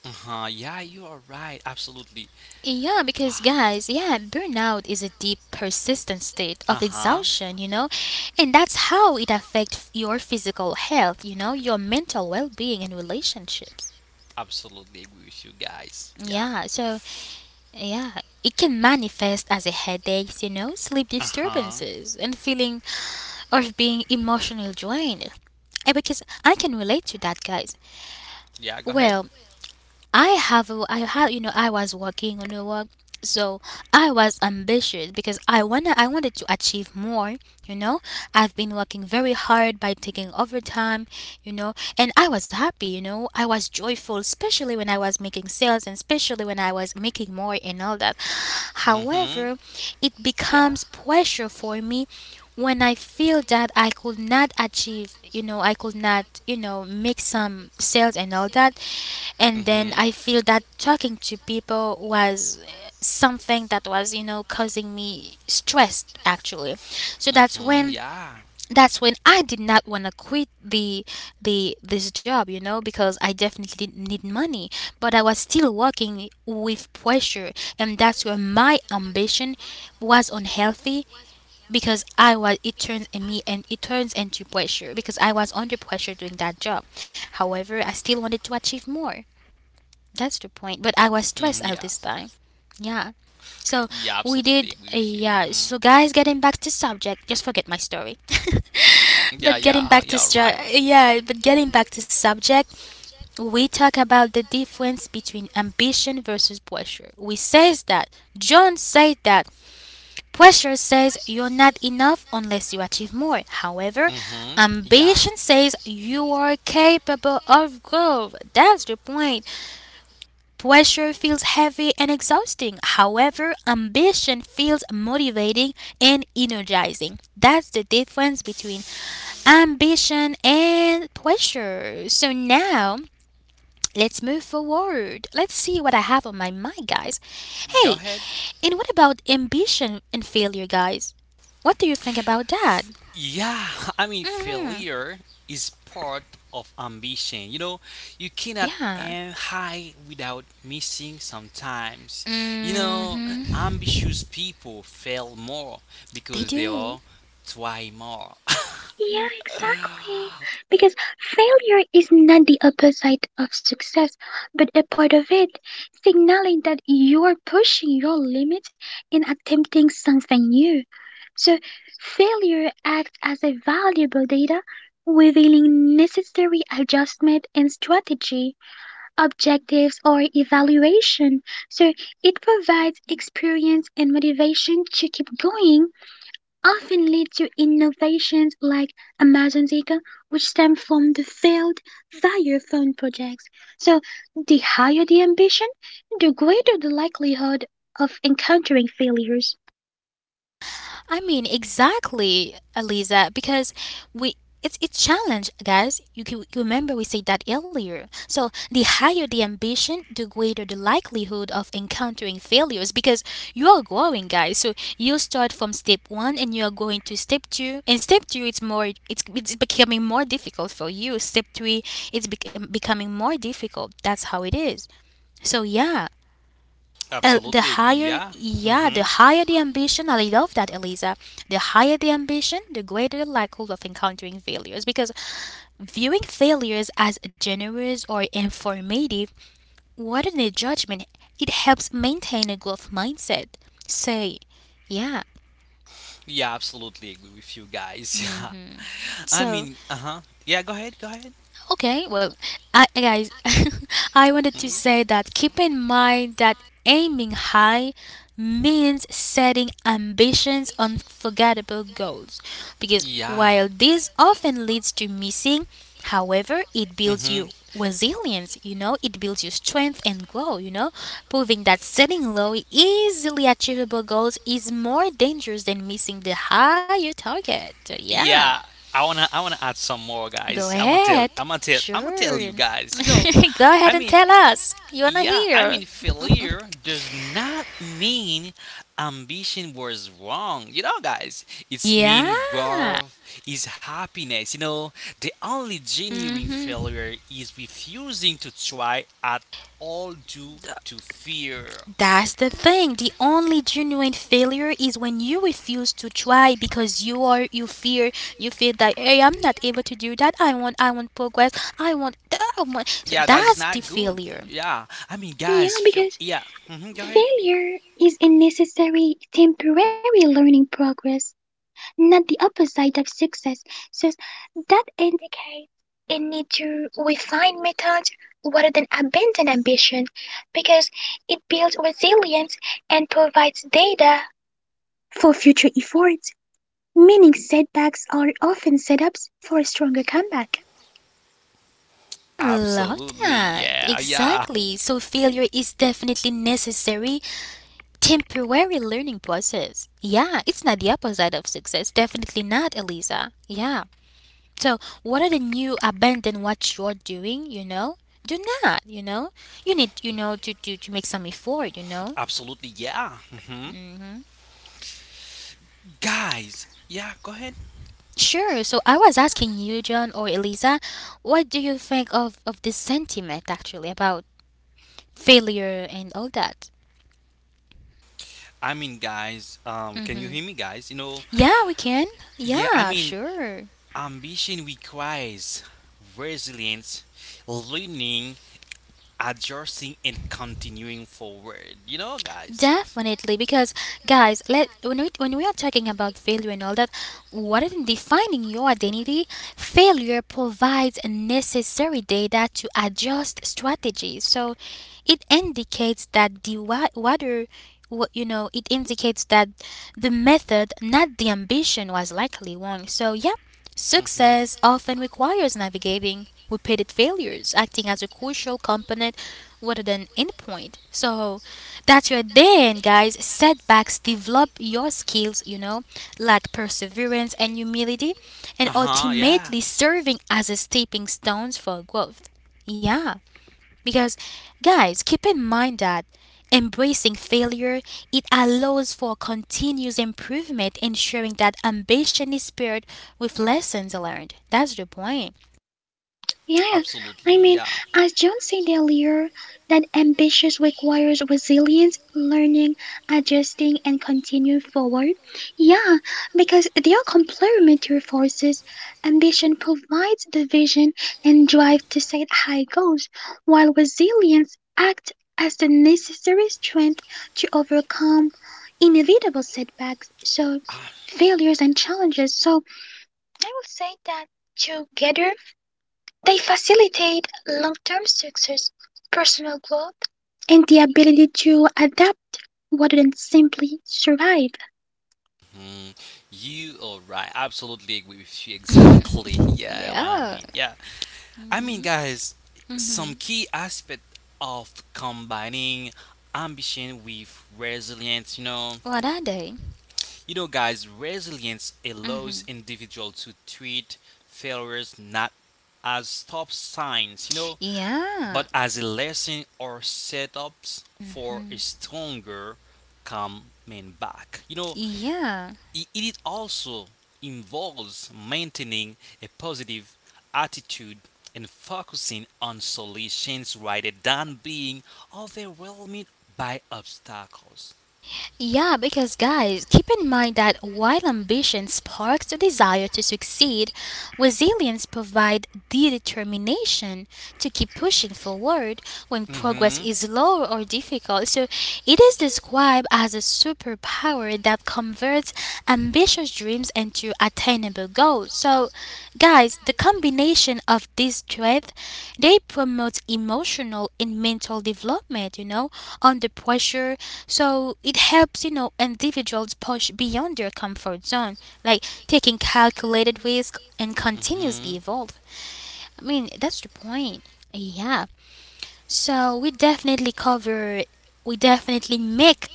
Uh huh. Yeah. You are right. Absolutely.
Yeah,
Wow.
because guys, yeah, burnout is a deep, persistent state
Uh
of
huh.
exhaustion, you know, and that's how it affects your physical health, you know, your mental well being and relationships.
Absolutely agree with you guys. Yeah.
Yeah, so yeah, it can manifest as a headaches, you know, sleep
Uh huh.
disturbances, and feeling of being emotionally drained. Eh, because I can relate to that, guys.
Yeah. Go ahead.
Well, I had, you know, I was working on the work, so I was ambitious because I wanted to achieve more. You know, I've been working very hard by taking overtime. You know, and I was happy. You know, I was joyful, especially when I was making sales and especially when I was making more and all that.
Mm hmm.
However, it
Yeah.
becomes pressure for me when I feel that I could not achieve, you know, I could not, you know, make some sales and all that,
Mm
and
hmm.
then I feel that talking to people was something that was, you know, causing me stress actually. So
Mm
that's
hmm.
when
Yeah.
that's when I did not want to quit the this job, you know, because I definitely need money, but I was still working with pressure, and that's where my ambition was unhealthy because I was it turns in me and it turns into pressure because I was under pressure doing that job. However, I still wanted to achieve more. That's the point. But I
Mm hmm.
was
Yeah.
stressed at this time. Yeah.
Yeah.
So
Absolutely
we
agree with
did
you. Mm-hmm.
yeah. So guys, getting back to subject, just forget my story. but getting
Yeah,
back to
right.
stru- yeah, but getting back to subject, we talk about the difference between ambition versus pressure. We says that John said that pressure says you're not enough unless you achieve more. However,
Mm-hmm. Yeah.
ambition says you are capable of growth. That's the point. Pressure feels heavy and exhausting. However, ambition feels motivating and energizing. That's the difference between ambition and pressure. So now, let's move forward. Let's see what I have on my mind, guys.
Go
Hey,
ahead.
and what about ambition and failure, guys? What do you think about that?
Yeah, failure is part of ambition. You cannot
Yeah.
aim high without missing sometimes. You know,
Hmm.
Ambitious people fail more
They
because they
do.
all try more.
Yeah, exactly. Because failure is not the opposite of success, but a part of it, signaling that you're pushing your limit and attempting something new. So, failure acts as a valuable data, revealing necessary adjustment and strategy, objectives, or evaluation. So, it provides experience and motivation to keep going, often lead to innovations like Amazon Zika, which stem from the failed fire phone projects. So, the higher the ambition, the greater the likelihood of encountering failures.
I mean, exactly, Aliza, because we it's challenge, guys. You can you remember we said that earlier. So the higher the ambition, the greater the likelihood of encountering failures because you are growing, guys. So you start from step one and you are going to step two. And step two, it's becoming more difficult for you. Step three, it's becoming more difficult. That's how it is. So yeah,
absolutely, yeah.
the
hmm
higher the ambition, I love that, Eliza. The higher the ambition, the greater the likelihood of encountering failures. Because viewing failures as generous or informative rather than a judgment, it helps maintain a growth mindset. Say, yeah.
Yeah, absolutely agree with you guys. Yeah.
So,
Uh huh. Yeah, go ahead, go ahead.
okay, well, I, guys, I wanted
Mhm.
to say that keep in mind that aiming high means setting ambitions, unforgettable goals. Because
Yeah.
while this often leads to missing, however, it builds
Mm-hmm.
you resilience, you know, it builds your strength and grow, you know, proving that setting low, easily achievable goals is more dangerous than missing the higher target. Yeah.
Yeah, I wanna add some more
Go
guys.
ahead.
I'm gonna tell
Sure.
you guys.
Go
I
ahead and
mean,
tell us. You wanna
yeah,
hear?
failure does not mean ambition was wrong. It's mean
Yeah.
growth is happiness. The only genuine
Hmm.
failure is refusing to try at all due to fear.
That's the thing. The only genuine failure is when you refuse to try because you fear you feel that, hey, I'm not able to do that. I want progress. I want that, I want, so
Yeah, that is
that's the
not good.
failure.
Yeah, I mean,
Yeah,
guys, feel
because
Yeah. Go ahead.
failure is a necessary temporary learning progress, not the opposite of success. So that indicates a need to refine methods rather than abandon ambition because it builds resilience and provides data for future efforts, meaning setbacks are often setups for a stronger comeback.
I love
Absolutely,
that.
yeah, yeah,
Exactly. So failure is definitely necessary. Temporary learning process. Yeah, it's not the opposite of success. Definitely not, Eliza. Yeah. So, what are the new abandon what you're doing, Do not. You need, to, to make some effort,
absolutely, yeah. hmm
Hmm.
Guys, yeah, go ahead.
Sure. So, I was asking you, John or Eliza, what do you think of this sentiment actually about failure and all that?
Can you
Hmm.
hear me, guys?
Yeah, we can.
Yeah,
Yeah, sure.
ambition requires resilience, learning, adjusting, and continuing forward. You know, guys.
Definitely, because guys, let when we are talking about failure and all that, rather than defining your identity, failure provides a necessary data to adjust strategies. So, it indicates that whether what you know it indicates that the method, not the ambition, was likely wrong. So, yeah,
hmm
success often requires navigating repeated failures, acting as a crucial component rather than endpoint. So. That's your then, guys. Setbacks develop your skills, you know, like perseverance and humility,
Uh
and
huh. Yeah.
ultimately serving as a stepping stones for growth. Yeah, because guys, keep in mind that embracing failure, it allows for continuous improvement, ensuring that ambition is paired with lessons learned. That's the point.
Yeah,
Absolutely.
I mean,
Yeah.
as John said earlier, that ambition requires resilience, learning, adjusting, and continuing forward. Yeah, because they are complementary forces. Ambition provides the vision and drive to set high goals, while resilience acts as the necessary strength to overcome inevitable setbacks, so
Ah,
failures and challenges. So I would say that together they facilitate long-term success, personal growth, and the ability to adapt rather than simply survive.
mhm. You are right. Absolutely agree with you. Exactly. Yeah, what I
Yeah.
mean. Yeah. I mean, guys, some
Mhm.
key aspect of combining ambition with resilience, you know.
What are they?
Resilience allows
Hmm.
individual to treat failures not as stop signs,
Yeah.
but as a lesson or setups for a
Mhm.
stronger coming back. You know,
Yeah.
i- it also involves maintaining a positive attitude and focusing on solutions rather than being overwhelmed by obstacles.
Yeah, because guys, keep in mind that while ambition sparks the desire to succeed, resilience provides the determination to keep pushing forward when progress
hmm
is slow or difficult. So it is described as a superpower that converts ambitious dreams into attainable goals. So, guys, the combination of these traits, they promote emotional and mental development, you know, under pressure. So it helps, you know, individuals push beyond their comfort zone, like taking calculated risk and continuously
hmm
evolve. I mean, that's the point. Yeah. So we definitely cover, we definitely make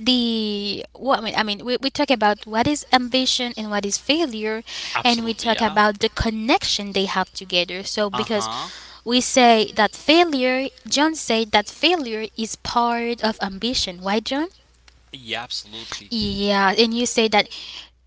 the what I mean, I mean we talk about what is ambition and what is failure, and we
Absolutely,
talk
yeah.
about the connection they have together. So
Uh
because
huh.
we say that failure, John said that failure is part of ambition, why, John?
Yeah, absolutely.
Yeah. And you say that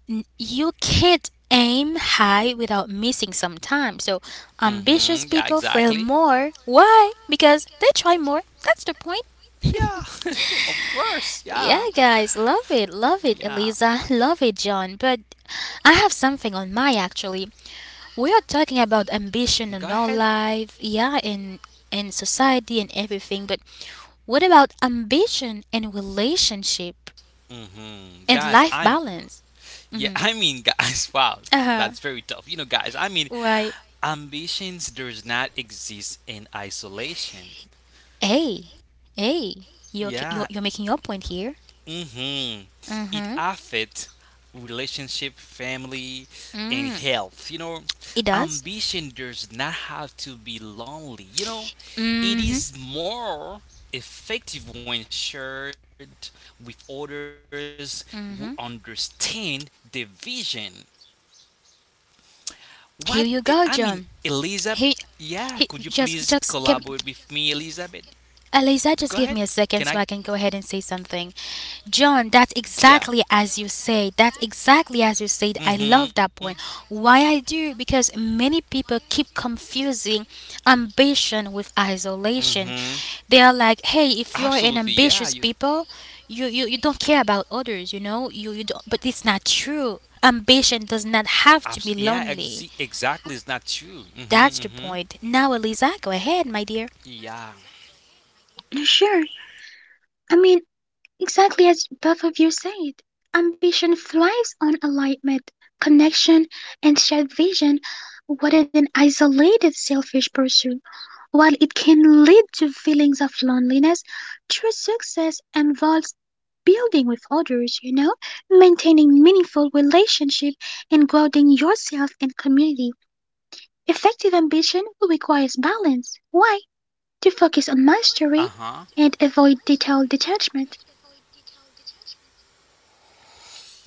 you can't aim high without missing some time. So ambitious
Mm-hmm. Yeah,
people fail
exactly.
more, why? Because they try more. That's the point.
Yeah, of course.
Yeah,
Yeah.
guys, love it,
Yeah.
Eliza, love it, John. But I have something on my actually. We are talking
Mhm, go
about
ahead.
ambition in our life, yeah, in society and everything. But what about ambition and relationship
Mm-hmm.
and
Guys,
life
I'm.
balance?
Yeah,
Mm-hmm.
wow,
Uh huh.
that's very tough.
Why?
Ambitions does not exist in isolation.
Hey, hey, you're you're,
Yeah.
you're making your point here.
Mhm. It
Mm-hmm.
affects relationship, family, and
Mm.
health.
It does.
Ambition does not have to be lonely. It
Mm-hmm.
is more effective when shared with others who understand the vision.
Here
What
you go,
I mean,
John.
Elizabeth.
He,
Yeah,
he
could you please
just keep
collaborate with me, Elizabeth?
Eliza, just
Go
give
ahead.
me a second
Can
so
I?
I can go ahead and say something. John, that's
Yeah.
exactly as you said. That's exactly as you said. I
Mm-hmm.
love that point. Why I do? Because many people keep confusing ambition with
Mm-hmm.
isolation. They are like, hey, if
Absolutely.
you're an
Yeah. You.
ambitious people, you don't care about others, you know? You don't, but it's not true. Ambition does not have to
Yeah.
be lonely.
Exactly. It's not true. Mm-hmm. Mm-hmm.
That's the point. Now, Eliza, go ahead, my dear.
Yeah.
Sure, I mean, exactly as both of you said, ambition thrives on alignment, connection, and shared vision rather than isolated selfish pursuit. While it can lead to feelings of loneliness, true success involves building with others, you know, maintaining meaningful relationship and growing yourself and community. Effective ambition requires balance. Why? To focus on mastery
Uh-huh.
and avoid detail detachment.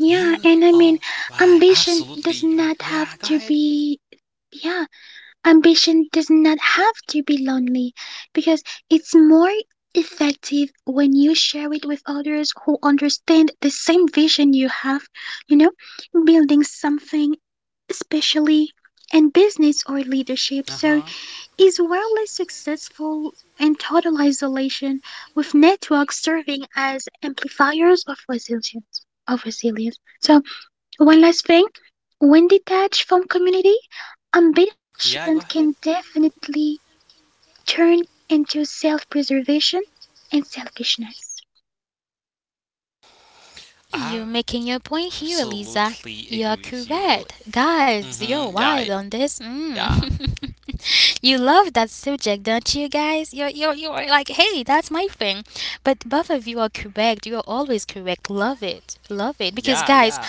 Yeah, and I
all
mean
why
ambition
Absolutely.
does not
Yeah.
have
Go
to
ahead.
be... Yeah, ambition does not have to be lonely because it's more effective when you share it with others who understand the same vision you have, you know, building something, especially in business or leadership.
Uh
So,
huh.
is wildly successful in total isolation with networks serving as amplifiers of resilience. Of resilience. So, one last thing, when detached from community, ambition
Yeah.
can
Go ahead.
definitely turn into self preservation and selfishness.
You're making your point
Absolutely
here,
agree with
Lisa.
you, really.
You're correct.
Mm-hmm. Yeah.
Guys,
Yeah.
you're wild on this. Mm. You love that subject, don't you, guys? You're like, hey, that's my thing. But both of you are correct. You are always
Yeah.
correct.
Yeah.
Love it. Love it. Because, guys,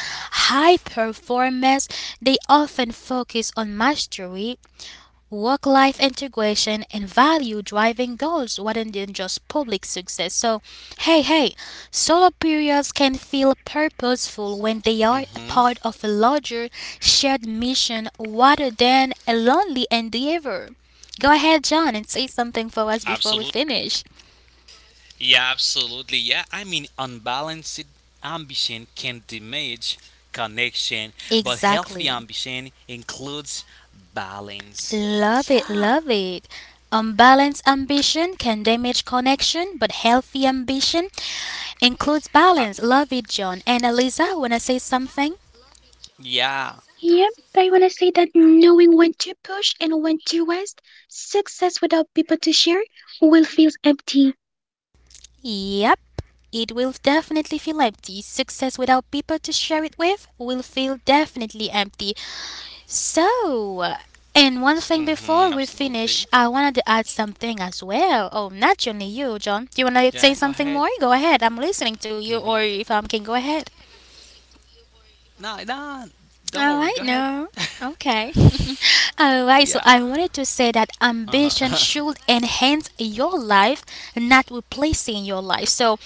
high performers, they often focus on mastery, work life integration and value driving goals rather than just public success. So, hey, hey, solo periods can feel purposeful when
Mm-hmm.
they are a part of a larger shared mission rather than a lonely endeavor. Go ahead, John, and say something for us
Absolutely.
before we finish.
Yeah, absolutely. Yeah, unbalanced ambition can damage connection, but healthy
Exactly.
ambition includes balance.
Love it,
Yeah.
love it. Unbalanced ambition can damage connection, but healthy ambition
I,
includes balance. Love it, John. And Eliza, wanna say something?
yeah.
Yep, I wanna say that knowing when to push and when to rest, success without people to share will feel empty.
Yep. It will definitely feel empty. Success without people to share it with will feel definitely empty. So, and
Mhm.
one thing
Absolutely.
before we finish, I wanted to add something as well. Oh, not only you, John.
Yeah.
Do you
Go
want to
ahead.
say something more? Go ahead. I'm listening
Mhm.
to you, or if I can go ahead.
No, no. Don't worry. Go ahead.
All right, no. Okay.
Yeah.
All right, so I wanted to say
Uh
that
huh.
ambition should enhance your life, not replacing your life. So,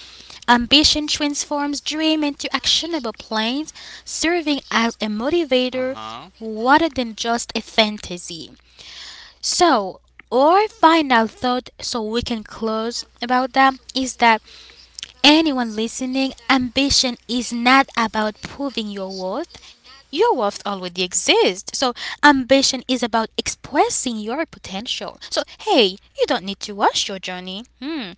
ambition transforms dream into actionable plans, serving as a
uh
motivator
huh.
rather than just a fantasy. So, our final thought, so we can close about that, is that anyone listening, ambition is not about proving your worth. Your worth already exists. So, ambition is about expressing your potential. So, hey, you don't need to rush your journey. Hmm.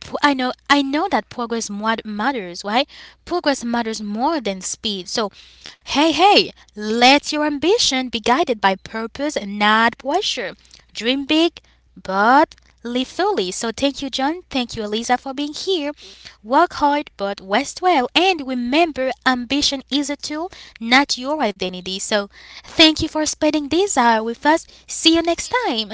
I know that matters, right? Progress matters more than speed. So, hey, hey, let your ambition be guided by purpose and not pressure. Dream big, but live fully. So, thank you, John. Thank you, Elisa, for being here. Work hard, but rest well. And remember, ambition is a tool, not your identity. So, thank you for spending this hour with us. See you next time.